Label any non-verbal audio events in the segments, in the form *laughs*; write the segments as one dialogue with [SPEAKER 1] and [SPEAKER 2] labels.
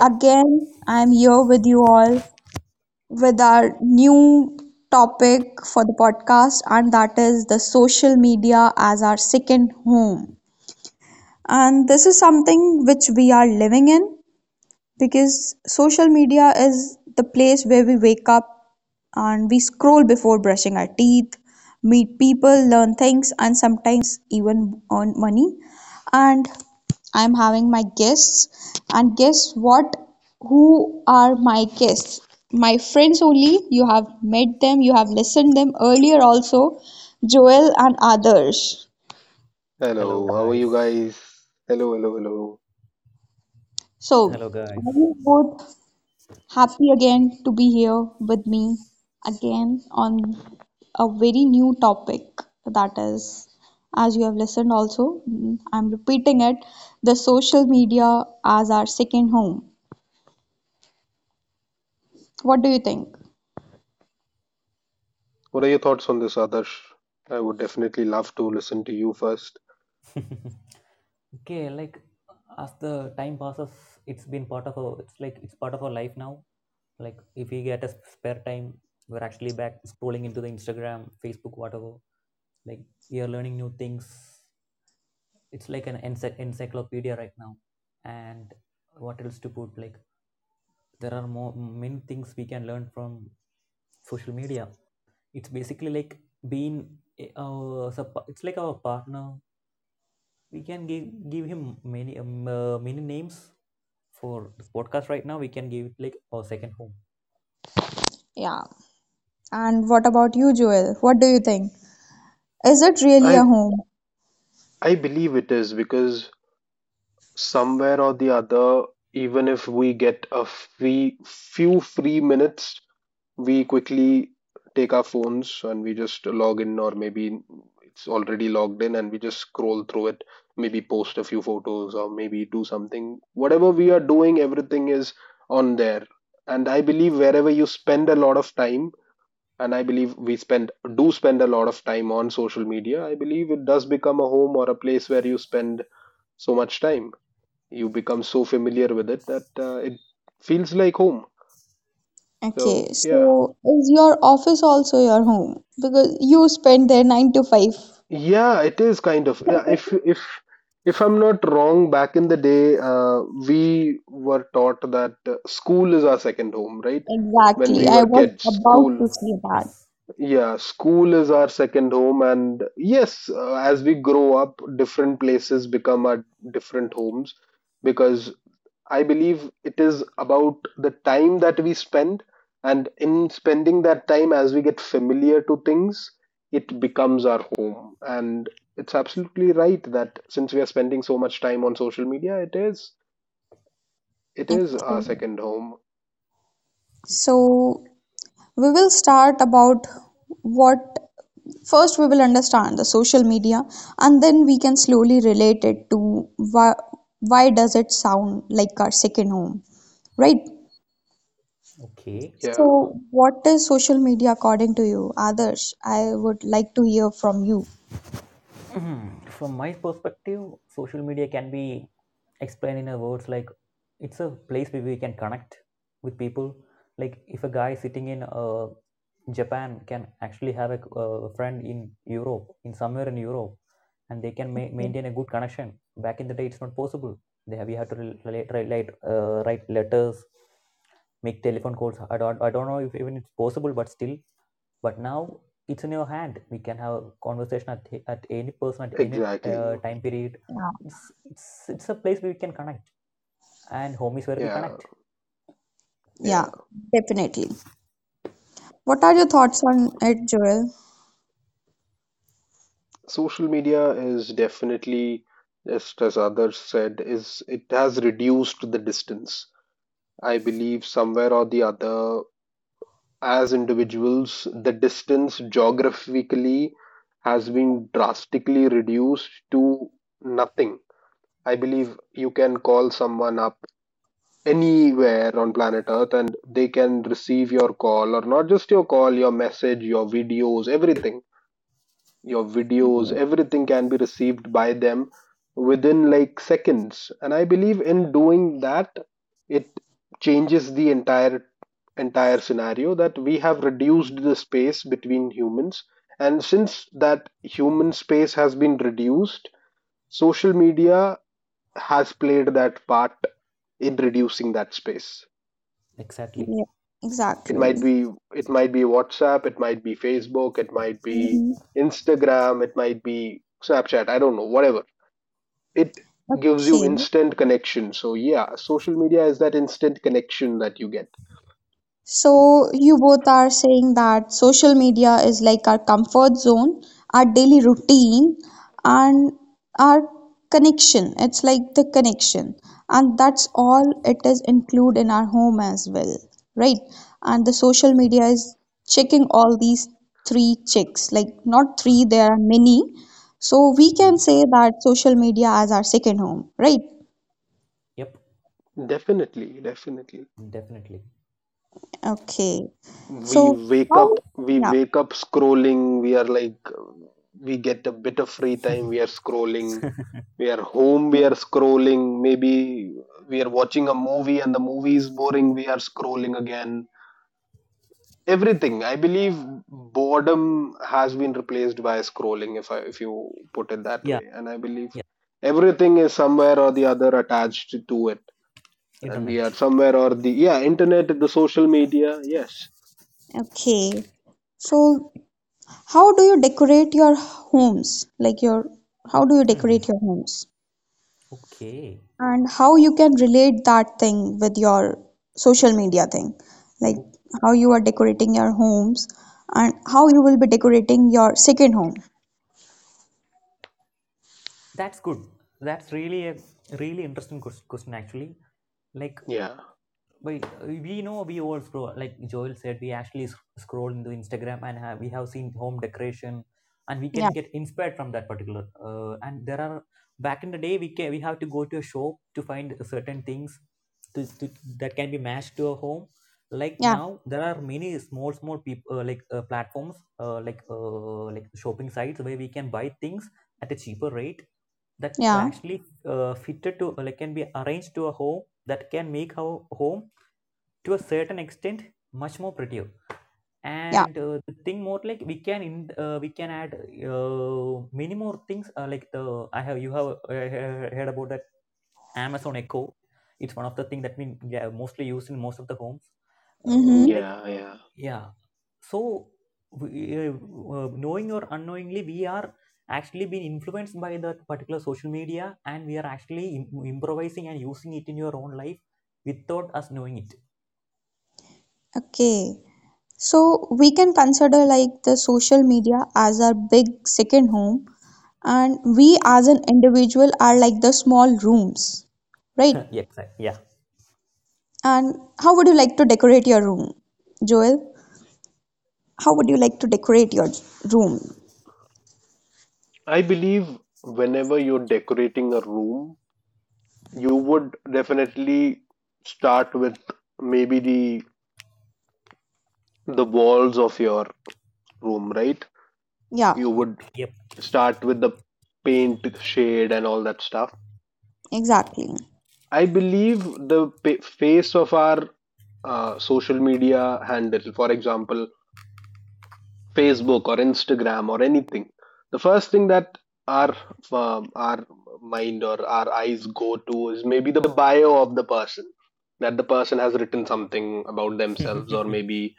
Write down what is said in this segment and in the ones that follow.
[SPEAKER 1] Again, I'm here with you all with our new topic for the podcast, and that is the social media as our second home. And this is something which we are living in because social media is the place where we wake up and we scroll before brushing our teeth, meet people, learn things, and sometimes even earn money. And I'm having my guests, and guess what? Who are my guests? My friends only. You have met them, you have listened them earlier also, Joel and Adarsh.
[SPEAKER 2] Hello,
[SPEAKER 3] Hello, how are you
[SPEAKER 2] guys.
[SPEAKER 3] guys? Hello, hello, hello.
[SPEAKER 1] So,
[SPEAKER 2] Hello,
[SPEAKER 1] are
[SPEAKER 2] guys.
[SPEAKER 1] you both happy again to be here with me again on a very new topic that is, as you have listened also, I'm repeating it, the social media as our second home. What do you think?
[SPEAKER 3] What are your thoughts on this, Adarsh? I would definitely love to listen to you first.
[SPEAKER 2] *laughs* Okay, like, as the time passes, it's been part of our, it's part of our life now, like, if we get a spare time, we're actually back scrolling into the Instagram, Facebook, whatever. Like, we are learning new things. It's like an encyclopedia right now. And what else to put? Like, there are more many things we can learn from social media. It's basically like being a- our sup- it's like our partner. We can give him many many names for the podcast right now. We can give it like our second home.
[SPEAKER 1] Yeah. And what about you, Joel? What do you think? Is it really a
[SPEAKER 3] I
[SPEAKER 1] home?
[SPEAKER 3] I believe it is because somewhere or the other, even if we get a free few free minutes, we quickly take our phones and we just log in, or maybe it's already logged in and we just scroll through it, maybe post a few photos or maybe do something. Whatever we are doing, everything is on there, and I believe wherever you spend a lot of time, and I believe we spend do spend a lot of time on social media, I believe it does become a home, or a place where you spend so much time you become so familiar with it that it feels like home. So
[SPEAKER 1] Okay,
[SPEAKER 3] yeah.
[SPEAKER 1] so is your office also your home? Because you spend there 9 to 5.
[SPEAKER 3] Yeah, it is kind of. Yeah. If
[SPEAKER 1] *laughs*
[SPEAKER 3] if if I'm not wrong, back in the day, we were taught that school is our second home, right? When
[SPEAKER 1] Exactly.
[SPEAKER 3] we
[SPEAKER 2] Mhm.
[SPEAKER 1] I
[SPEAKER 3] were
[SPEAKER 1] was
[SPEAKER 3] kids,
[SPEAKER 1] about
[SPEAKER 3] school.
[SPEAKER 1] to say
[SPEAKER 2] Yes.
[SPEAKER 3] Yeah, school is our second home, and yes, as we grow up, different places become our different homes, because I believe it is about the time that we spend, and in spending that time, as we get familiar to things, it becomes our home. And it's absolutely right that since we are spending so much time on social media, it is it
[SPEAKER 1] that.
[SPEAKER 3] is our
[SPEAKER 1] Okay.
[SPEAKER 3] second home.
[SPEAKER 1] So we will start about what first we will understand the social media and then we can slowly relate it to why does it sound like our second home, right?
[SPEAKER 2] Okay.
[SPEAKER 3] Yeah,
[SPEAKER 1] So what is social media according to you, others, I would like to hear from you.
[SPEAKER 2] *clears throat* From my perspective, social media can be explained in a words like, it's a place where we can connect with people. Like, if a guy is sitting in a Japan can actually have a friend in Europe, in somewhere in Europe, and they can maintain a good connection. Back in the day, it's not possible. We have to write letters, make telephone calls. I don't know if even it's possible, but still. But now it's in your hand. We can have a conversation at any person at any
[SPEAKER 3] exactly.
[SPEAKER 2] time period.
[SPEAKER 1] Yeah.
[SPEAKER 2] It's a place where we can connect, and home is where we
[SPEAKER 3] Yeah,
[SPEAKER 2] connect.
[SPEAKER 3] yeah.
[SPEAKER 1] Yeah, definitely. What are your thoughts on it, Joel?
[SPEAKER 3] Social media is definitely, just as others said, is it has reduced the distance. I believe somewhere or the other, as individuals, the distance geographically has been drastically reduced to nothing. I believe you can call someone up anywhere on planet Earth and they can receive your call, or not just your call, your message, your videos, everything can be received by them within like seconds. And I believe in doing that, it changes the entire scenario, that we have reduced the space between humans, and since that human space has been reduced, social media has played that part in reducing that space.
[SPEAKER 2] Exactly.
[SPEAKER 1] Yeah,
[SPEAKER 3] it
[SPEAKER 1] exactly.
[SPEAKER 3] might be it might be WhatsApp, it might be Facebook, it might be
[SPEAKER 1] Hmm.
[SPEAKER 3] Instagram, it might be Snapchat, I don't know, whatever. It gives you
[SPEAKER 1] Okay.
[SPEAKER 3] instant connection. So yeah, social media is that instant connection that you get.
[SPEAKER 1] So you both are saying that social media is like our comfort zone, our daily routine, and our connection. It's like the connection, and that's all it is include in our home as well, right? And the social media is checking all these three checks. Like not three, there are many. So we
[SPEAKER 2] Hmm.
[SPEAKER 1] can say that social media as our second home, right?
[SPEAKER 2] Yep.
[SPEAKER 3] Definitely, definitely.
[SPEAKER 2] Definitely.
[SPEAKER 1] Okay.
[SPEAKER 3] We
[SPEAKER 1] So
[SPEAKER 3] wake up,
[SPEAKER 1] how?
[SPEAKER 3] we
[SPEAKER 1] Yeah.
[SPEAKER 3] wake up scrolling. We are like, we get a bit of free time, we are scrolling. We are home, we are scrolling. Maybe we are watching a movie and the movie is boring, we are scrolling again. Everything, I believe boredom has been replaced by scrolling, if you put it that
[SPEAKER 2] *laughs* Yeah.
[SPEAKER 3] way. And I believe
[SPEAKER 2] Yeah.
[SPEAKER 3] everything is somewhere or the other attached to it, and we are
[SPEAKER 2] Internet.
[SPEAKER 3] somewhere or the— yeah, internet, the social media, yes.
[SPEAKER 1] Okay. So, how do you decorate your homes? Like how do you
[SPEAKER 2] Hmm.
[SPEAKER 1] decorate your homes?
[SPEAKER 2] Okay.
[SPEAKER 1] And how you can relate that thing with your social media thing? Like
[SPEAKER 2] O-
[SPEAKER 1] how you are decorating your homes and how you will be decorating your second home.
[SPEAKER 2] That's good. That's really a really interesting question actually. Like.
[SPEAKER 3] Yeah,
[SPEAKER 2] But we know we all scroll, like Joel said, we actually scroll into Instagram and we have seen home decoration, and we
[SPEAKER 1] Yeah,
[SPEAKER 2] can get inspired from that particular. Back in the day, we have to go to a shop to find certain things to, to, that can be matched to a home. Like
[SPEAKER 1] yeah,
[SPEAKER 2] now, there are many small, small people platforms, like shopping sites where we can buy things at a cheaper rate that
[SPEAKER 1] yeah,
[SPEAKER 2] actually fitted to like can be arranged to a home, that can make our home to a certain extent much more prettier.
[SPEAKER 1] yeah.
[SPEAKER 2] And the thing more, like, we can add many more things, like the I have you have uh, heard about that Amazon Echo. It's one of the things that we, yeah, mostly use in most of the homes,
[SPEAKER 1] Mm-hmm.
[SPEAKER 2] like,
[SPEAKER 3] yeah, yeah.
[SPEAKER 2] yeah. So we, uh, knowing or unknowingly we are actually being influenced by that particular social media, and we are actually improvising and using it in your own life without us knowing it.
[SPEAKER 1] Okay. So we can consider like the social media as our big second home and we as an individual are like the small rooms, right?
[SPEAKER 2] *laughs* Yes. Yeah.
[SPEAKER 1] And how would you like to decorate your room, Joel? How would you like to decorate your room?
[SPEAKER 3] I believe whenever you're decorating a room, you would definitely start with maybe the walls of your room, right?
[SPEAKER 1] Yeah,
[SPEAKER 3] You would
[SPEAKER 2] Yep.
[SPEAKER 3] start with the paint shade and all that stuff.
[SPEAKER 1] exactly.
[SPEAKER 3] I believe the face of our social media handle, for example Facebook or Instagram or anything, the first thing that our our mind or our eyes go to is maybe the bio of the person, that the person has written something about themselves, or
[SPEAKER 2] *laughs*
[SPEAKER 3] maybe,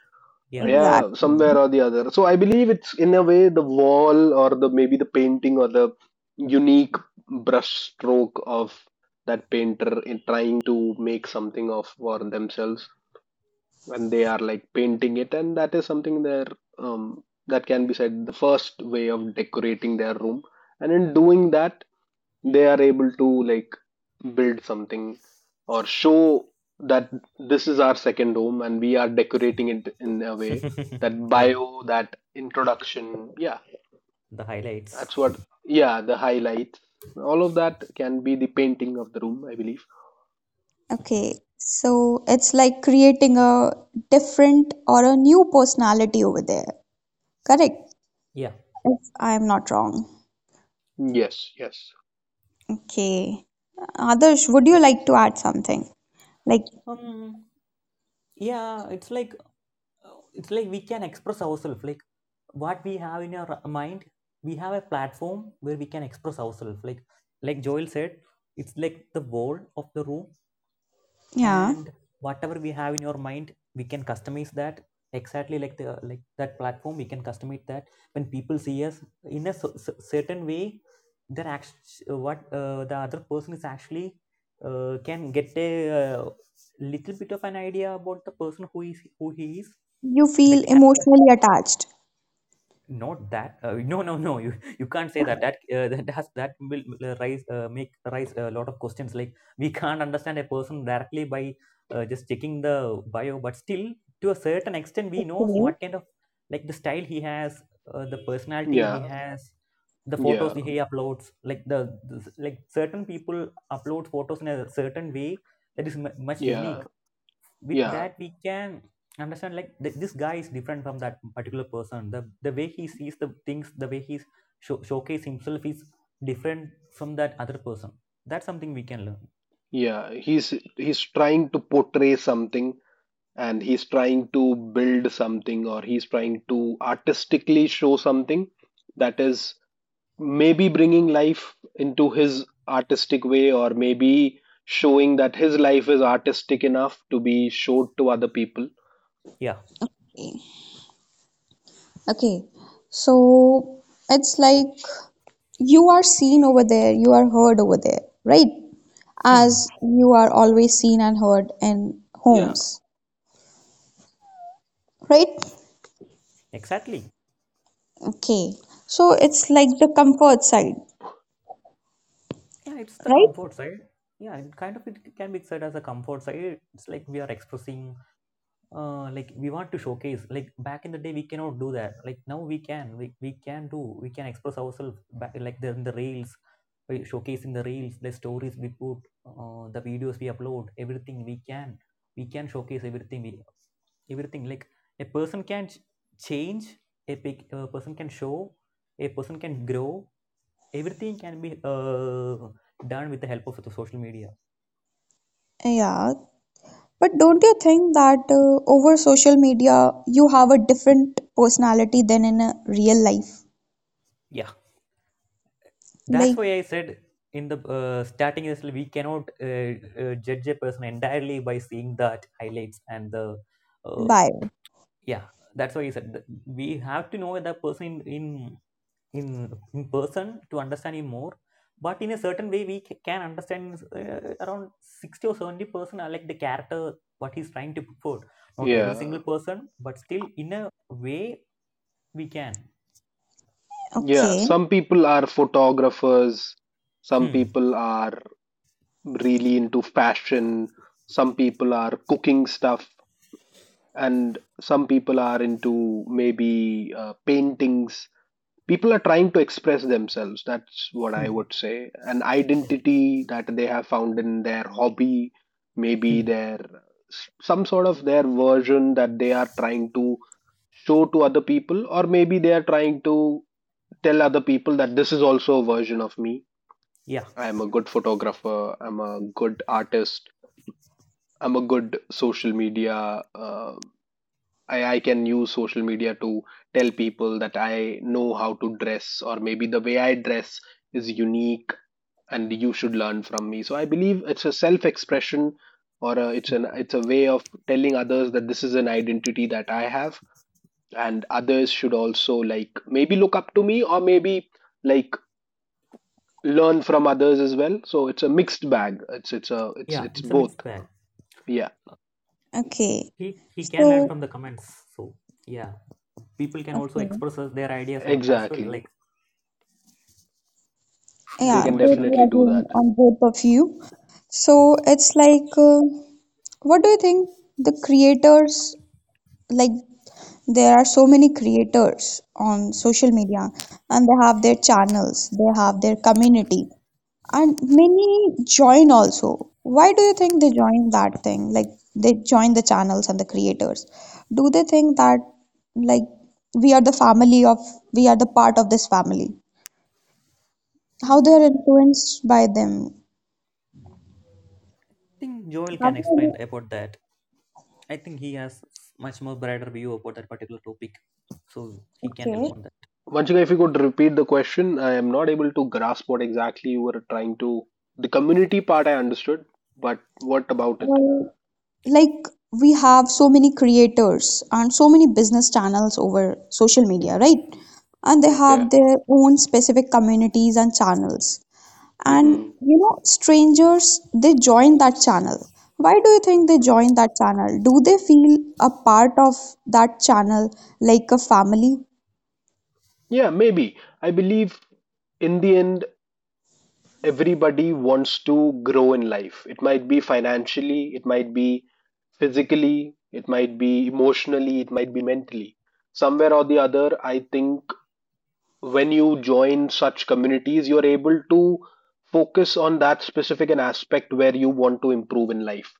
[SPEAKER 2] Yeah.
[SPEAKER 1] exact
[SPEAKER 3] yeah, somewhere or the other. So I believe it's in a way the wall, or the maybe the painting, or the unique brush stroke of that painter in trying to make something of for themselves when they are like painting it. And that is something there, that can be said the first way of decorating their room. And in doing that, they are able to like build something or show that this is our second home, and we are decorating it in a way.
[SPEAKER 2] *laughs*
[SPEAKER 3] That
[SPEAKER 2] Yeah.
[SPEAKER 3] bio, that introduction, yeah,
[SPEAKER 2] The highlights.
[SPEAKER 3] that's what. Yeah, the highlights, all of that can be the painting of the room, I believe.
[SPEAKER 1] Okay. So it's like creating a different or a new personality over there, correct?
[SPEAKER 2] Yeah.
[SPEAKER 1] If I'm not wrong.
[SPEAKER 3] Yes, yes,
[SPEAKER 1] Okay, others, would you like to add something? Like,
[SPEAKER 2] Um. Yeah. It's like we can express ourselves. Like, what we have in our mind, we have a platform where we can express ourselves. Like Joel said, it's like the wall of the room,
[SPEAKER 1] yeah,
[SPEAKER 2] and whatever we have in your mind we can customize that exactly, like the like that platform we can customize that. When people see us in a certain way, the other person is actually can get a uh, little bit of an idea about the person who he is,
[SPEAKER 1] you
[SPEAKER 2] the
[SPEAKER 1] feel emotionally attached.
[SPEAKER 2] not that. Uh, *laughs* No, no, no, you can't say that, that has, that will rise, make rise a lot of questions. Like, we can't understand a person directly by just checking the bio, but still to a certain extent we know
[SPEAKER 1] Okay.
[SPEAKER 2] what kind of, like, the style he has, the personality he
[SPEAKER 3] yeah,
[SPEAKER 2] has, the photos
[SPEAKER 3] yeah,
[SPEAKER 2] he uploads, like the like certain people upload photos in a certain way that is mu much
[SPEAKER 3] yeah,
[SPEAKER 2] unique. With
[SPEAKER 3] yeah,
[SPEAKER 2] that, we can understand, like, this guy is different from that particular person, the way he sees the things, the way he showcase himself is different from that other person. That's something we can learn.
[SPEAKER 3] yeah. He's trying to portray something, and he's trying to build something, or he's trying to artistically show something, that is maybe bringing life into his artistic way, or maybe showing that his life is artistic enough to be showed to other people.
[SPEAKER 2] Yeah.
[SPEAKER 1] Okay, so it's like you are seen over there, you are heard over there, right?
[SPEAKER 2] Hmm.
[SPEAKER 1] As you are always seen and heard in
[SPEAKER 3] Yeah,
[SPEAKER 1] homes, right?
[SPEAKER 2] Exactly.
[SPEAKER 1] Okay, so it's like the comfort side,
[SPEAKER 2] Yeah. It's the comfort
[SPEAKER 1] right?
[SPEAKER 2] side. Yeah. It it can be said as a comfort side. It's like we are expressing, like, we want to showcase. Like, back in the day we cannot do that. Like, now we can. We, we can do we can express ourselves back, like in the reels, showcasing the reels, the stories we put, the videos we upload, everything we can. We can showcase everything, we everything. Like, a person can change a person can show, a person can grow, everything can be done with the help of the social media.
[SPEAKER 1] Yeah, but don't you think that over social media you have a different personality than in a real life?
[SPEAKER 2] Yeah, that's
[SPEAKER 1] Like,
[SPEAKER 2] why I said in the starting is we cannot judge a person entirely by seeing that highlights and the, uh,
[SPEAKER 1] bye.
[SPEAKER 2] yeah, that's why I said that we have to know the person in, in person to understand him more. But in a certain way we can understand, around 60 or 70% are, like, the character what he's trying to put forward. Not every
[SPEAKER 3] yeah,
[SPEAKER 2] single person, but still in a way we can.
[SPEAKER 3] yeah.
[SPEAKER 1] Okay,
[SPEAKER 3] Some people are photographers, some
[SPEAKER 2] Hmm.
[SPEAKER 3] people are really into fashion, some people are cooking stuff, and some people are into maybe paintings. People are trying to express themselves, that's what I
[SPEAKER 2] Hmm.
[SPEAKER 3] would say. An identity that they have found in their hobby, maybe
[SPEAKER 2] Hmm.
[SPEAKER 3] their some sort of their version that they are trying to show to other people, or maybe they are trying to tell other people that this is also a version of me.
[SPEAKER 2] Yeah.
[SPEAKER 3] I am a good photographer, I'm a good artist, I'm a good social media I can use social media to tell people that I know how to dress, or maybe the way I dress is unique and you should learn from me. So I believe it's a self expression, or a, it's an it's a way of telling others that this is an identity that I have, and others should also like maybe look up to me, or maybe like learn from others as well. So it's a mixed bag. It's a it's
[SPEAKER 2] Yeah.
[SPEAKER 3] it's
[SPEAKER 2] It's a
[SPEAKER 3] both.
[SPEAKER 2] mixed bag.
[SPEAKER 3] Yeah,
[SPEAKER 1] okay.
[SPEAKER 2] He he can learn
[SPEAKER 1] So,
[SPEAKER 2] from the comments, so, yeah, people can also
[SPEAKER 1] okay.
[SPEAKER 2] express their ideas as well. Like,
[SPEAKER 3] exactly. They
[SPEAKER 2] come
[SPEAKER 1] Yeah,
[SPEAKER 2] on,
[SPEAKER 3] can
[SPEAKER 2] Vanshika.
[SPEAKER 1] totally
[SPEAKER 3] definitely do
[SPEAKER 1] agreeing
[SPEAKER 3] that.
[SPEAKER 1] on both of you. So it's like, what do you think the creators like? There are so many creators on social media, and they have their channels, they have their community, and many join also. Why do you think they join that thing? Like they join the channels and the creators. Do they think that like we are the family of we are the part of this family? How they are
[SPEAKER 2] mm,
[SPEAKER 1] influenced by them?
[SPEAKER 2] I think Joel can explain
[SPEAKER 1] Probably-
[SPEAKER 2] about that. I think he has much more brighter view about that particular topic, so he can help
[SPEAKER 1] Okay.
[SPEAKER 2] on that.
[SPEAKER 3] Once again, if you could repeat the question, I am not able to grasp what exactly you were trying to. The community part I understood, but what about it?
[SPEAKER 1] Well, like we have so many creators and so many business channels over social media, right? And they have
[SPEAKER 3] Okay.
[SPEAKER 1] their own specific communities and channels. And
[SPEAKER 3] hmm
[SPEAKER 1] strangers, they join that channel. Why do you think they join that channel? Do they feel a part of that channel like a family?
[SPEAKER 3] Yeah, maybe. I believe in the end, everybody wants to grow in life. It might be financially, it might be physically, it might be emotionally, it might be mentally. Somewhere or the other, I think when you join such communities, you're able to focus on that specific an aspect where you want to improve in life.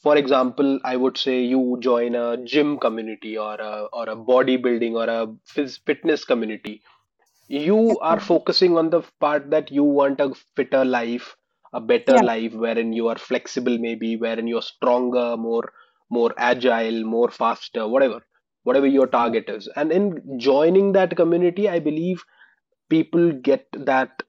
[SPEAKER 3] For example, I would say you join a gym community, or a bodybuilding or a fitness community, you are
[SPEAKER 1] Okay.
[SPEAKER 3] focusing on the part that you want a fitter life, a better
[SPEAKER 1] Yeah.
[SPEAKER 3] life, wherein you are flexible maybe, wherein you're stronger, more agile, more faster, whatever your target is. And in joining that community, I believe people get that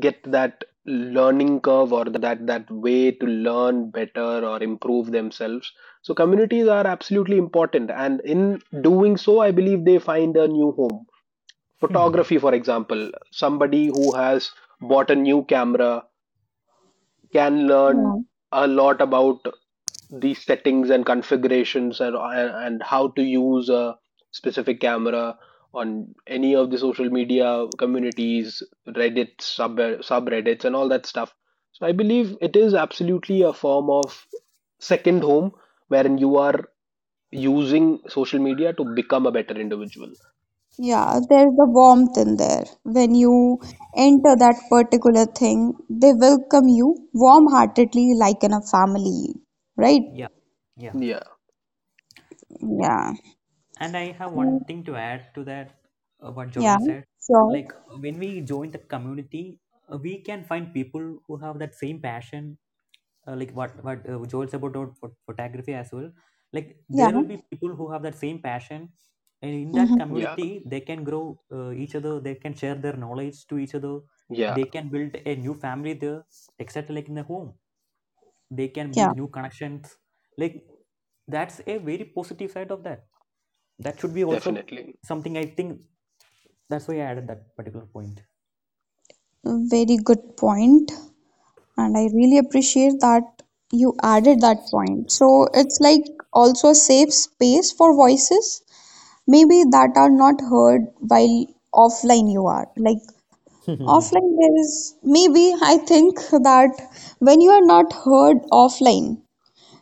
[SPEAKER 3] get that learning curve, or that way to learn better or improve themselves. So communities are absolutely important, and in doing so, I believe they find a new home.
[SPEAKER 2] Hmm.
[SPEAKER 3] Photography for example, somebody who has bought a new camera can learn
[SPEAKER 1] Yeah.
[SPEAKER 3] a lot about the settings and configurations, and how to use a specific camera on any of the social media communities, Reddit, subreddits and all that stuff. So I believe it is absolutely a form of second home wherein you are using social media to become a better individual.
[SPEAKER 2] Hmm.
[SPEAKER 1] Yeah, there's the warmth in there. When you enter that particular thing, they welcome you warm-heartedly, like in a family, right?
[SPEAKER 2] Yeah. Yeah.
[SPEAKER 3] Yeah,
[SPEAKER 1] Yeah.
[SPEAKER 2] And I have one
[SPEAKER 1] Mm,
[SPEAKER 2] thing to add to that, what
[SPEAKER 1] yeah,
[SPEAKER 2] Joel said.
[SPEAKER 1] sure.
[SPEAKER 2] Like, when we join the community, we can find people who have that same passion, like what Joel said about photography as well. Like,
[SPEAKER 1] Yeah.
[SPEAKER 2] there will be people who have that same passion, and in that
[SPEAKER 1] Mm-hmm.
[SPEAKER 3] yeah,
[SPEAKER 2] community they can grow, each other. They can share their knowledge to each other.
[SPEAKER 3] yeah,
[SPEAKER 2] They can build a new family there, except like in the home. They can
[SPEAKER 1] Yeah.
[SPEAKER 2] build new connections. Like, that's a very positive side of that. That should be also
[SPEAKER 3] definitely.
[SPEAKER 2] something, I think. That's why I added that particular point.
[SPEAKER 1] Very good point. And I really appreciate that you added that point. So it's like also a safe space for voices, maybe that are not heard while offline you are. Like
[SPEAKER 2] *laughs*
[SPEAKER 1] offline, there is maybe I think that when you are not heard offline,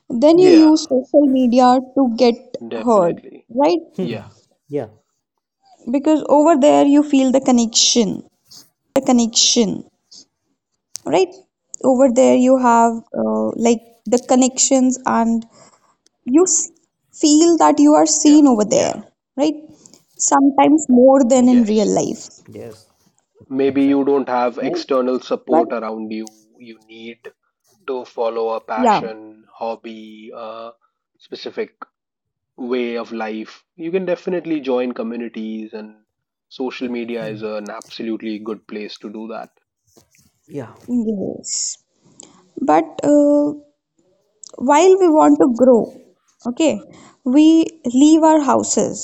[SPEAKER 1] then you
[SPEAKER 3] Yeah,
[SPEAKER 1] use social media to get heard,
[SPEAKER 3] definitely.
[SPEAKER 1] right?
[SPEAKER 2] Hmm.
[SPEAKER 3] Yeah,
[SPEAKER 2] Yeah.
[SPEAKER 1] Because over there you feel the connection, right? Over there you have like the connections and you feel that you are seen
[SPEAKER 3] yeah,
[SPEAKER 1] over
[SPEAKER 2] Yeah.
[SPEAKER 1] there,
[SPEAKER 3] yeah,
[SPEAKER 1] right? Sometimes more than in real
[SPEAKER 3] yes.
[SPEAKER 1] life,
[SPEAKER 2] Yes.
[SPEAKER 3] Maybe
[SPEAKER 2] Exactly.
[SPEAKER 3] you don't have
[SPEAKER 1] right?
[SPEAKER 3] external
[SPEAKER 1] But
[SPEAKER 3] support around you, you need to follow a
[SPEAKER 1] yeah,
[SPEAKER 3] passion, hobby, a specific way of life, you can definitely join communities, and social media
[SPEAKER 2] Hmm.
[SPEAKER 3] is an absolutely good place to do that.
[SPEAKER 2] Yeah.
[SPEAKER 1] yes. But while we want to grow, okay, we leave our houses,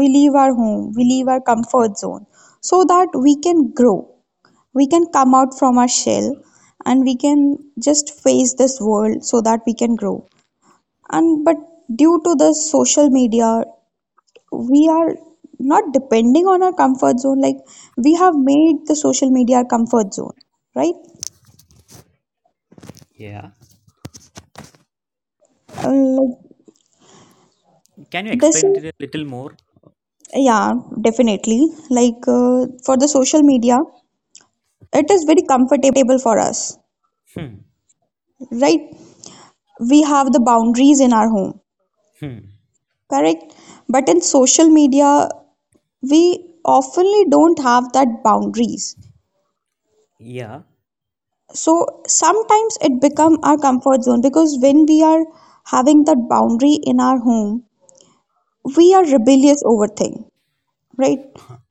[SPEAKER 1] we leave our home, we leave our comfort zone so that we can grow, we can come out from our shell and we can just face this world so that we can grow, and but due to the social media we are not depending on our comfort zone, like we have made the social media our comfort zone, right?
[SPEAKER 2] Yeah.
[SPEAKER 1] Uh, like
[SPEAKER 2] Can you
[SPEAKER 1] this
[SPEAKER 2] explain
[SPEAKER 1] is
[SPEAKER 2] it a little more?
[SPEAKER 1] Yeah, definitely. Like for the social media, it is very comfortable for us,
[SPEAKER 2] Hmm.
[SPEAKER 1] right? We have the boundaries in our home,
[SPEAKER 2] Hmm.
[SPEAKER 1] correct? But in social media, we oftenly don't have that boundaries.
[SPEAKER 2] Yeah.
[SPEAKER 1] So sometimes it become our comfort zone because when we are having that boundary in our home, we are rebellious over thing, right?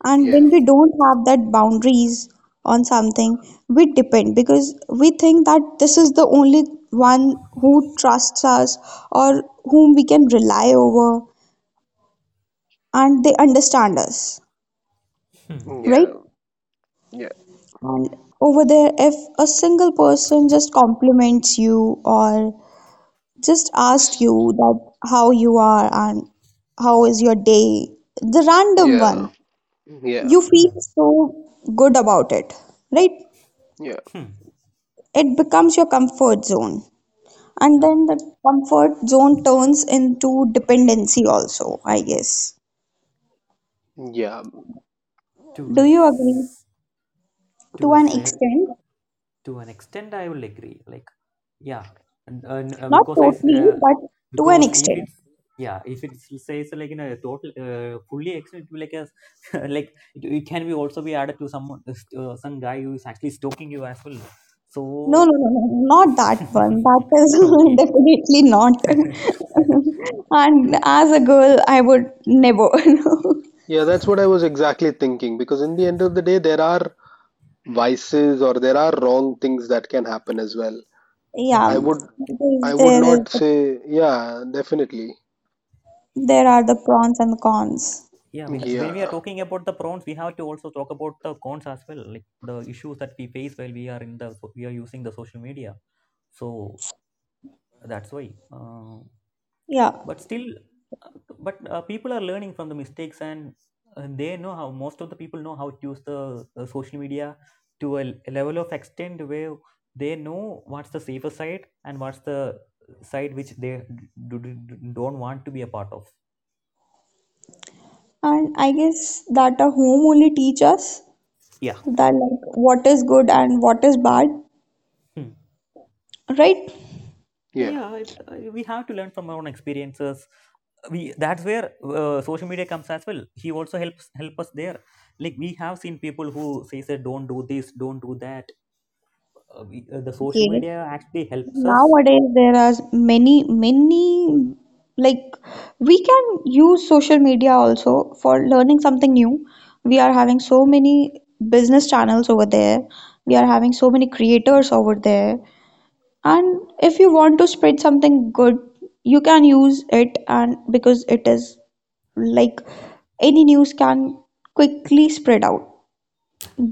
[SPEAKER 1] And
[SPEAKER 3] Yeah,
[SPEAKER 1] when we don't have that boundaries on something, we depend because we think that this is the only one who trusts us or whom we can rely over and they understand us,
[SPEAKER 2] Hmm.
[SPEAKER 1] right?
[SPEAKER 3] yeah, yeah.
[SPEAKER 1] And over there, if a single person just compliments you or just asks
[SPEAKER 3] S-
[SPEAKER 1] you that how you are and how is your day, the random
[SPEAKER 3] yeah,
[SPEAKER 1] one,
[SPEAKER 3] yeah,
[SPEAKER 1] you feel
[SPEAKER 2] Hmm.
[SPEAKER 1] so good about it, right?
[SPEAKER 3] yeah,
[SPEAKER 2] Hmm.
[SPEAKER 1] It becomes your comfort zone. And
[SPEAKER 2] Yeah.
[SPEAKER 1] then the comfort zone turns into dependency, also, I guess.
[SPEAKER 3] yeah,
[SPEAKER 2] To a
[SPEAKER 1] Do you agree?
[SPEAKER 2] s- to
[SPEAKER 1] To
[SPEAKER 2] a
[SPEAKER 1] an
[SPEAKER 2] set
[SPEAKER 1] extent,
[SPEAKER 2] to an extent I will agree, like, yeah, and
[SPEAKER 1] not
[SPEAKER 2] because
[SPEAKER 1] totally, but to an
[SPEAKER 2] because if
[SPEAKER 1] extent.
[SPEAKER 2] it's, yeah, if it says, like, in a total, fully extent, it will, like, a *laughs* like it can be also be added to someone, some guy who is actually stalking you as well. So
[SPEAKER 1] No, no, no, no, not that one. That is *laughs*
[SPEAKER 2] *laughs* okay.
[SPEAKER 1] definitely not.
[SPEAKER 2] *laughs*
[SPEAKER 1] *laughs* And as a girl, I would never. *laughs*
[SPEAKER 3] yeah, that's what I was exactly thinking, because in the end of the day there are vices or there are wrong things that can happen as well.
[SPEAKER 2] Yeah.
[SPEAKER 1] Yeah,
[SPEAKER 3] I would I
[SPEAKER 1] because
[SPEAKER 3] would not say. Yeah, definitely.
[SPEAKER 1] there are the pros and cons.
[SPEAKER 2] Yeah. When we are
[SPEAKER 3] Yeah.
[SPEAKER 2] talking about the prawns, we have to also talk about the cons as well, like the issues that we face while we are in the we are using the social media. So that's why, uh,
[SPEAKER 1] Yeah,
[SPEAKER 2] but still, uh, but people are learning from the mistakes, and they know how most of the people know how to use the social media to a level of extent where they know what's the safer side and what's the side which they don't want to be a part of.
[SPEAKER 1] and I guess that a home only teach us
[SPEAKER 2] Yeah.
[SPEAKER 1] that like what is good and what is bad, right?
[SPEAKER 3] Yeah.
[SPEAKER 2] Yeah. We have to learn from our own experiences. We That's where, social media comes as well. He also helps help us there. Like, we have seen people who say that don't do this, don't do that. The social
[SPEAKER 1] Yes.
[SPEAKER 2] media actually helps us.
[SPEAKER 1] Nowadays there are many like we can use social media also for learning something new. We are having so many business channels over there. We are having so many creators over there. And if you want to spread something good, you can use it and because it is like any news can quickly spread out.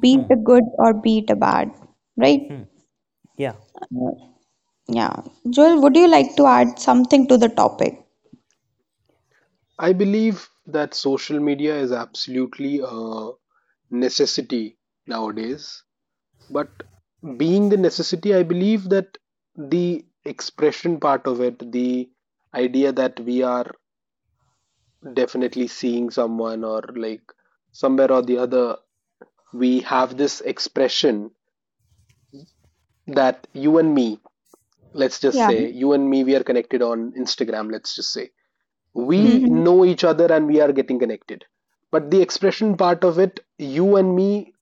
[SPEAKER 1] Be
[SPEAKER 2] Hmm.
[SPEAKER 1] it a good or be it a bad, right?
[SPEAKER 2] Hmm. Yeah.
[SPEAKER 1] Uh, Yeah. Joel, would you like to add something to the topic?
[SPEAKER 3] I believe that social media is absolutely a necessity nowadays, but being the necessity, I believe that the expression part of it, the idea that we are definitely seeing someone or like somewhere or the other, we have this expression that you and me, let's just
[SPEAKER 1] Yeah.
[SPEAKER 3] say, you and me, we are connected on Instagram, let's just say
[SPEAKER 2] Hmm.
[SPEAKER 3] we
[SPEAKER 1] Hmm.
[SPEAKER 3] know each other and we are getting connected, but the expression part of it, you and me,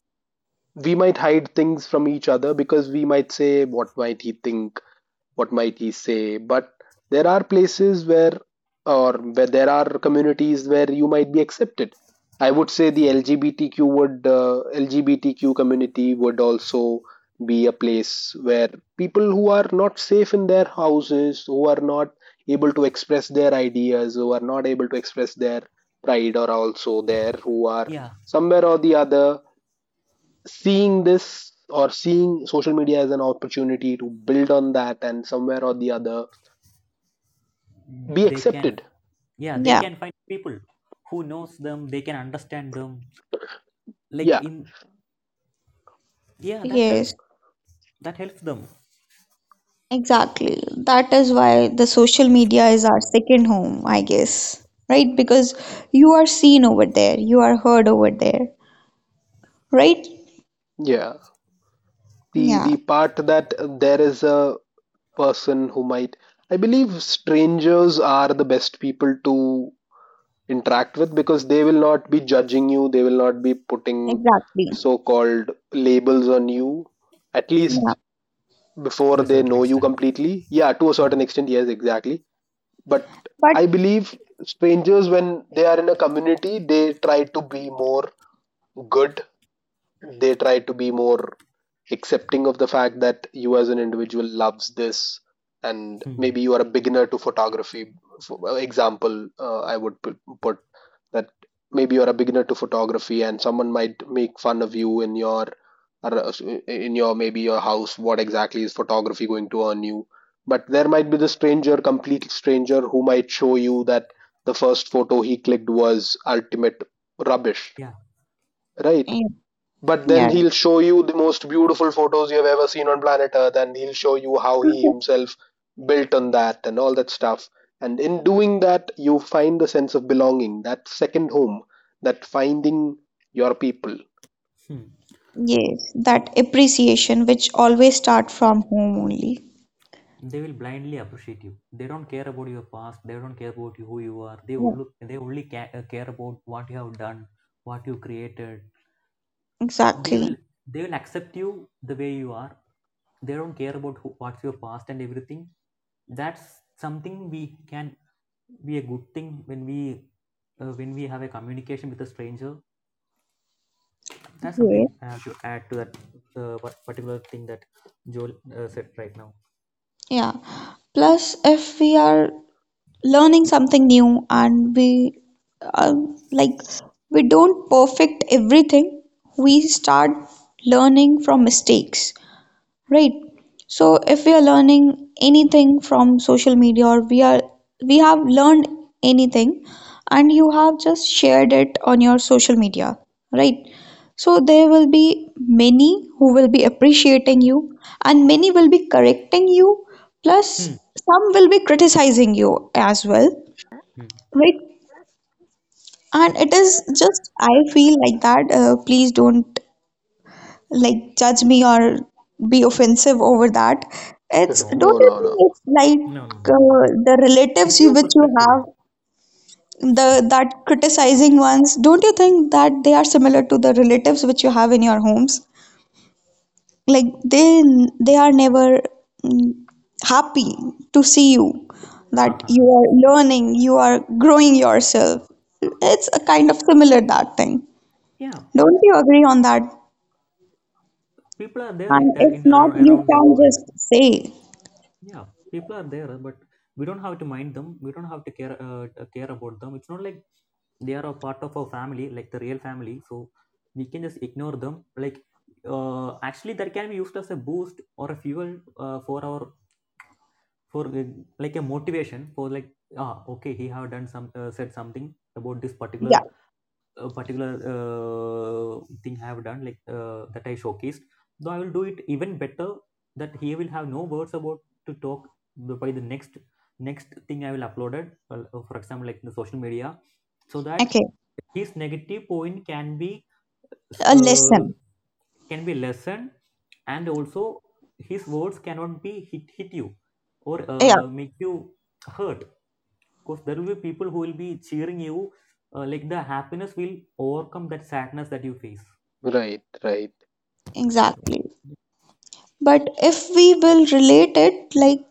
[SPEAKER 3] we might hide things from each other, because we might say what might he think, what might he say. But there are places where, or where there are communities where you might be accepted. I would say the LGBTQ community would also be a place where people who are not safe in their houses, who are not able to express their ideas, who are not able to express their pride, are also there, who are
[SPEAKER 2] Yeah,
[SPEAKER 3] somewhere or the other seeing this, or seeing social media as an opportunity to build on that, and somewhere or the other be
[SPEAKER 2] they can.
[SPEAKER 3] accepted.
[SPEAKER 2] Yeah, they
[SPEAKER 1] Yeah.
[SPEAKER 2] can find people who knows them, they can understand them, like,
[SPEAKER 3] Yeah,
[SPEAKER 2] in, yeah, that helps.
[SPEAKER 1] Yes.
[SPEAKER 2] That helps them.
[SPEAKER 1] Exactly. That is why the social media is our second home, I guess. Right? Because you are seen over there, you are heard over there. Right?
[SPEAKER 3] yeah. The
[SPEAKER 1] Yeah.
[SPEAKER 3] part that there is a person who might, I believe strangers are the best people to interact with, because they will not be judging you, they will not be putting
[SPEAKER 1] Exactly.
[SPEAKER 3] so called labels on you, at
[SPEAKER 2] Hmm.
[SPEAKER 1] Yeah.
[SPEAKER 3] least before
[SPEAKER 2] To a
[SPEAKER 3] they
[SPEAKER 2] certain
[SPEAKER 3] know you
[SPEAKER 2] extent.
[SPEAKER 3] completely. Yeah, to a
[SPEAKER 2] Hmm.
[SPEAKER 3] certain extent, yes, exactly. But
[SPEAKER 1] But
[SPEAKER 3] I believe strangers, when they are in a community, they try to be more good, they try to be more accepting of the fact that you as an individual loves this, and
[SPEAKER 2] Hmm.
[SPEAKER 3] maybe you are a beginner to photography for example, I would put that maybe you're a beginner to photography, and someone might make fun of you in your ar- in your maybe your house, what exactly is photography going to earn you? But there might be the stranger, complete stranger, who might show you that the first photo he clicked was ultimate rubbish,
[SPEAKER 2] Yeah.
[SPEAKER 3] right?
[SPEAKER 1] yeah.
[SPEAKER 3] But then
[SPEAKER 1] Yeah.
[SPEAKER 3] he'll show you the most beautiful photos you have ever seen on planet Earth, and he'll show you how he
[SPEAKER 1] *laughs*
[SPEAKER 3] himself built on that and all that stuff. And in doing that, you find the sense of belonging, that second home, that finding your people.
[SPEAKER 2] Hmm.
[SPEAKER 1] Yes. That appreciation which always start from home only.
[SPEAKER 2] They will blindly appreciate you. They don't care about your past. They don't care about you, who you are. they
[SPEAKER 1] Yeah.
[SPEAKER 2] only they only ca- uh, care about what you have done, what you created. they will
[SPEAKER 1] Exactly.
[SPEAKER 2] they will accept you the way you are. They don't care about what's your past and everything. That's something we can be a good thing when we, when we have a communication with a stranger. That's something
[SPEAKER 1] Yes.
[SPEAKER 2] I have to add to that, what particular thing that Joel said right now.
[SPEAKER 1] Yeah. Plus, if we are learning something new and we uh, like we don't perfect everything, we start learning from mistakes, right? So if we are learning anything from social media or we have learned anything and you have just shared it on your social media, right? So there will be many who will be appreciating you and many will be correcting you plus
[SPEAKER 2] Hmm.
[SPEAKER 1] some will be criticizing you as well,
[SPEAKER 2] Hmm.
[SPEAKER 1] right? And it is just I feel like that please don't like judge me or be offensive over that.
[SPEAKER 3] *laughs*
[SPEAKER 1] It's
[SPEAKER 2] No,
[SPEAKER 1] Don't
[SPEAKER 3] No,
[SPEAKER 1] you
[SPEAKER 3] no,
[SPEAKER 1] think
[SPEAKER 3] no.
[SPEAKER 1] it's
[SPEAKER 2] no, no,
[SPEAKER 1] like
[SPEAKER 2] no, no.
[SPEAKER 1] the relatives
[SPEAKER 2] It's your
[SPEAKER 1] which you
[SPEAKER 2] perspective.
[SPEAKER 1] have the that criticizing ones. Don't you think that they are similar to the relatives which you have in your homes? Like they are never mm, happy to see you that you
[SPEAKER 2] *laughs*
[SPEAKER 1] are learning, you are growing yourself. It's a kind of similar that thing.
[SPEAKER 2] Yeah, pe-
[SPEAKER 1] Don't you agree on that?
[SPEAKER 2] people are there like
[SPEAKER 1] And
[SPEAKER 2] that
[SPEAKER 1] if
[SPEAKER 2] in
[SPEAKER 1] not,
[SPEAKER 2] around,
[SPEAKER 1] you
[SPEAKER 2] around the
[SPEAKER 1] can
[SPEAKER 2] world.
[SPEAKER 1] just say.
[SPEAKER 2] Yeah, people are there, but we don't have to mind them. We don't have to care about them. It's not like they are a part of our family, like the real family. So we can just ignore them. Like, actually, that can be used as a boost or a fuel, for our for like a motivation for, like, ah, okay, he have done some said something about this
[SPEAKER 1] Yeah.
[SPEAKER 2] particular, thing I have done, like, that I showcased, though I will do it even better. That he will have no words about to talk by the next thing I will uploaded, well, for example, like in the social media, so that
[SPEAKER 1] Okay,
[SPEAKER 2] his negative point
[SPEAKER 1] a
[SPEAKER 2] uh,
[SPEAKER 1] lesson.
[SPEAKER 2] can be lessened, and also his words cannot be hit you or
[SPEAKER 1] Yeah,
[SPEAKER 2] make you hurt, because there will be people who will be cheering you. Like, the happiness will overcome that sadness that you face.
[SPEAKER 3] Right, right.
[SPEAKER 1] exactly. But if we will relate it, like,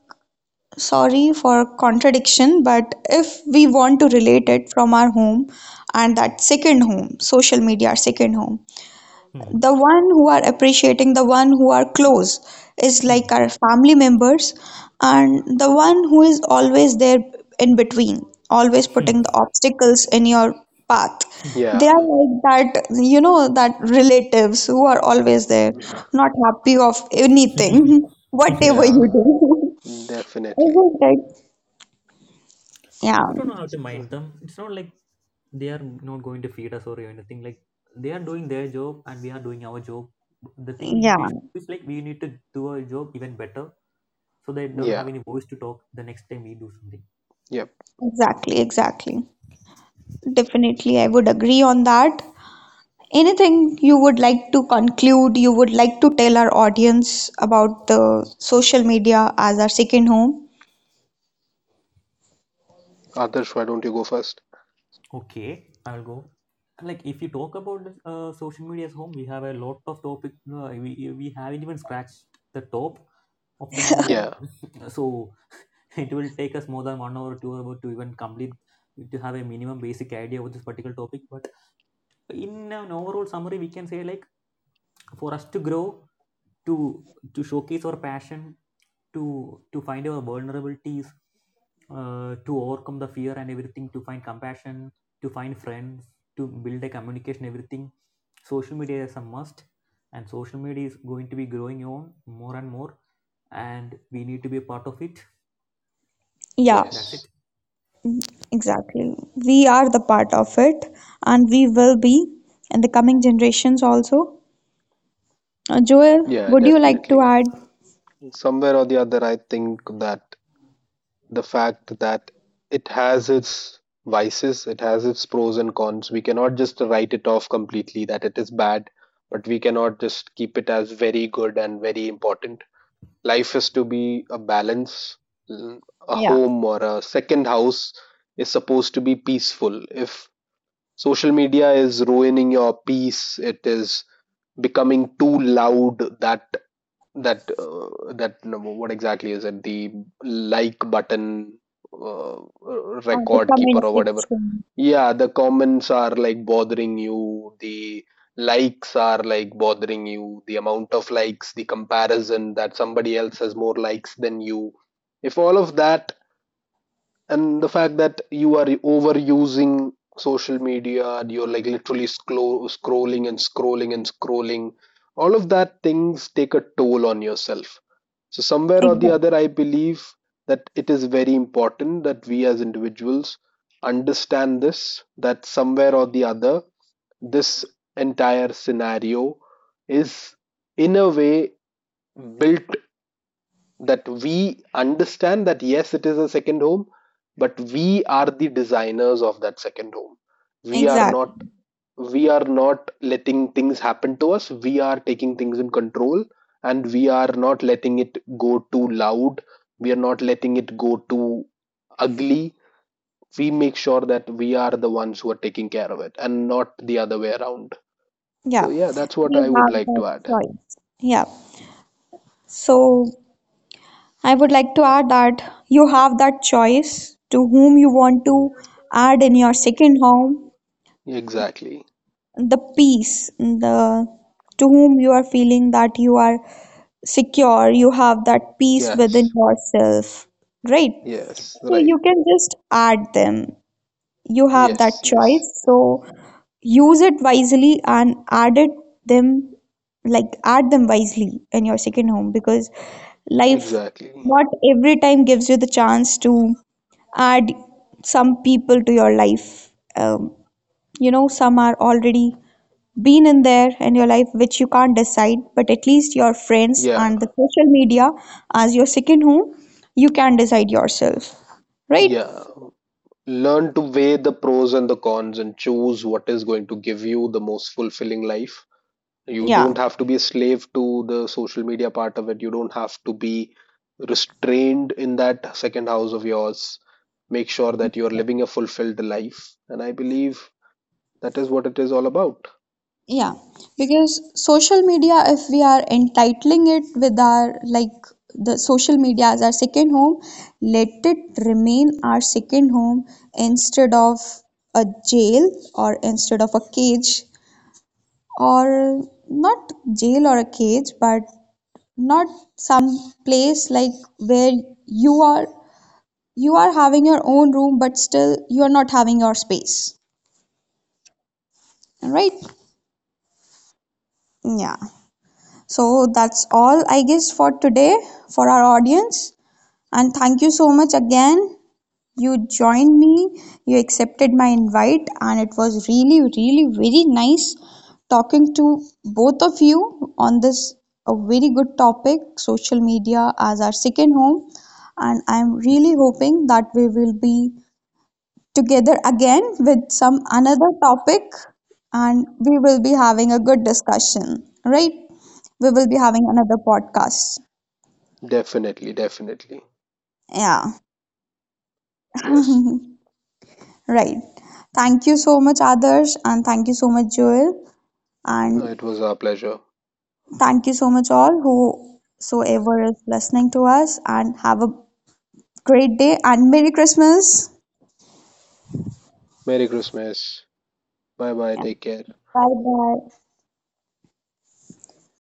[SPEAKER 1] sorry for contradiction, but if we want to relate it from our home and that second home, social media, our second home,
[SPEAKER 2] Hmm.
[SPEAKER 1] the one who are appreciating, the one who are close is like
[SPEAKER 2] Hmm.
[SPEAKER 1] our family members, and the one who is always there in between, always putting the
[SPEAKER 2] *laughs*
[SPEAKER 1] obstacles in your
[SPEAKER 2] Hmm.
[SPEAKER 1] path, they
[SPEAKER 3] Yeah,
[SPEAKER 1] are like that, you know, that relatives who are always there, not happy of anything *laughs*
[SPEAKER 2] Hmm.
[SPEAKER 1] whatever you
[SPEAKER 3] yeah,
[SPEAKER 1] do. *laughs*
[SPEAKER 3] definitely.
[SPEAKER 1] Isn't it? Like, yeah,
[SPEAKER 2] We don't know how to mind them. It's not like they are not going to feed us or anything. Like, they are doing their job, and we are doing our job. The thing we
[SPEAKER 1] yeah,
[SPEAKER 2] feel is like we need to do our job even better so they don't have
[SPEAKER 3] Yeah.
[SPEAKER 2] any voice to talk the next time we do something.
[SPEAKER 3] Yep.
[SPEAKER 1] exactly, exactly, definitely, I would agree on that. Anything you would like to conclude, you would like to tell our audience about the social media as our second home?
[SPEAKER 3] Others, why don't you go first?
[SPEAKER 2] Okay, I'll go. Like, if you talk about this, social media at home, we have a lot of topic. We haven't even scratched the top of the mountain,
[SPEAKER 3] Yeah.
[SPEAKER 2] *laughs* so it will take us more than 1 hour, or 2 hour to even complete to have a minimum basic idea of this particular topic. But in an overall summary we can say, like, for us to grow, to to showcase our passion, to find our vulnerabilities, to overcome the fear and everything, to find compassion, to find friends, to build a communication, everything. Social media is a must, and social media is going to be growing on more and more, and we need to be a part of it.
[SPEAKER 1] Yeah,
[SPEAKER 2] That's
[SPEAKER 3] Yes.
[SPEAKER 2] it.
[SPEAKER 1] exactly. We are the part of it and we will be in the coming generations also. Joel,
[SPEAKER 3] Yeah,
[SPEAKER 1] would you like to
[SPEAKER 3] definitely.
[SPEAKER 1] add?
[SPEAKER 3] Somewhere or the other, I think that the fact that it has its vices, it has its pros and cons. We cannot just write it off completely that it is bad, but we cannot just keep it as very good and very important. Life is to be a balance. A
[SPEAKER 1] Yeah,
[SPEAKER 3] home or a second house is supposed to be peaceful. If social media is ruining your peace, it is becoming too loud, that no, what exactly is it, the like button, uh,
[SPEAKER 1] on the
[SPEAKER 3] record keeper
[SPEAKER 1] comment
[SPEAKER 3] or whatever.
[SPEAKER 1] section.
[SPEAKER 3] Yeah, the comments are like bothering you, the likes are like bothering you, the amount of likes, the comparison that somebody else has more likes than you. If all of that, and the fact that you are overusing social media, and you're like literally scrolling and scrolling and scrolling, all of that things take a toll on yourself. So somewhere or the
[SPEAKER 1] Exactly.
[SPEAKER 3] other, I believe that it is very important that we as individuals understand this, that somewhere or the other this entire scenario is in a way built that we understand that yes it is a second home, but we are the designers of that second home. we are
[SPEAKER 1] Exactly.
[SPEAKER 3] not we are not letting things happen to us, we are taking things in control, and we are not letting it go too loud, we are not letting it go too ugly. We make sure that we are the ones who are taking care of it and not the other way around.
[SPEAKER 1] Yeah.
[SPEAKER 3] So yeah, that's what
[SPEAKER 1] We
[SPEAKER 3] I would
[SPEAKER 1] have
[SPEAKER 3] like
[SPEAKER 1] that
[SPEAKER 3] to add.
[SPEAKER 1] choice. Yeah. So I would like to add that you have that choice to whom you want to add in your second home,
[SPEAKER 3] Exactly,
[SPEAKER 1] the peace, the to whom you are feeling that you are secure, you have that peace within
[SPEAKER 3] yes,
[SPEAKER 1] yourself, right?
[SPEAKER 3] yes,
[SPEAKER 1] So you
[SPEAKER 3] right.
[SPEAKER 1] can just add them, you have that
[SPEAKER 3] Yes, yes,
[SPEAKER 1] choice, so use it wisely and add it them like add them wisely in your second home, because life
[SPEAKER 3] exactly.
[SPEAKER 1] not every time gives you the chance to add some people to your life, um, you know, some are already been in there in your life which you can't decide, but at least your friends
[SPEAKER 3] Yeah,
[SPEAKER 1] and the social media as your second home, you can decide yourself, right?
[SPEAKER 3] yeah. Learn to weigh the pros and the cons and choose what is going to give you the most fulfilling life. You
[SPEAKER 1] Yeah.
[SPEAKER 3] don't have to be a slave to the social media part of it. You don't have to be restrained in that second house of yours. Make sure that you're living a fulfilled life. And I believe that is what it is all about.
[SPEAKER 1] Yeah, because social media, if we are entitling it with our like the social media as our second home, let it remain our second home instead of a jail or instead of a cage or not jail or a cage, but not some place like where you are you are having your own room but still you are not having your space. Right? Yeah. So that's all, I guess, for today for our audience. And thank you so much again. You joined me, you accepted my invite, and it was really, really very nice talking to both of you on this a very good topic, social media as our second home, and I'm really hoping that we will be together again with some another topic and we will be having a good discussion, right? We will be having another podcast.
[SPEAKER 3] Definitely, definitely.
[SPEAKER 1] Yeah,
[SPEAKER 3] Yes.
[SPEAKER 1] right. Thank you so much, Adarsh, and thank you so much, Joel, and
[SPEAKER 3] It was our pleasure.
[SPEAKER 1] thank you so much, all whosoever is listening to us, and have a great day and Merry Christmas.
[SPEAKER 3] Merry Christmas. Bye bye.
[SPEAKER 1] Yeah.
[SPEAKER 3] Take care.
[SPEAKER 1] Bye bye.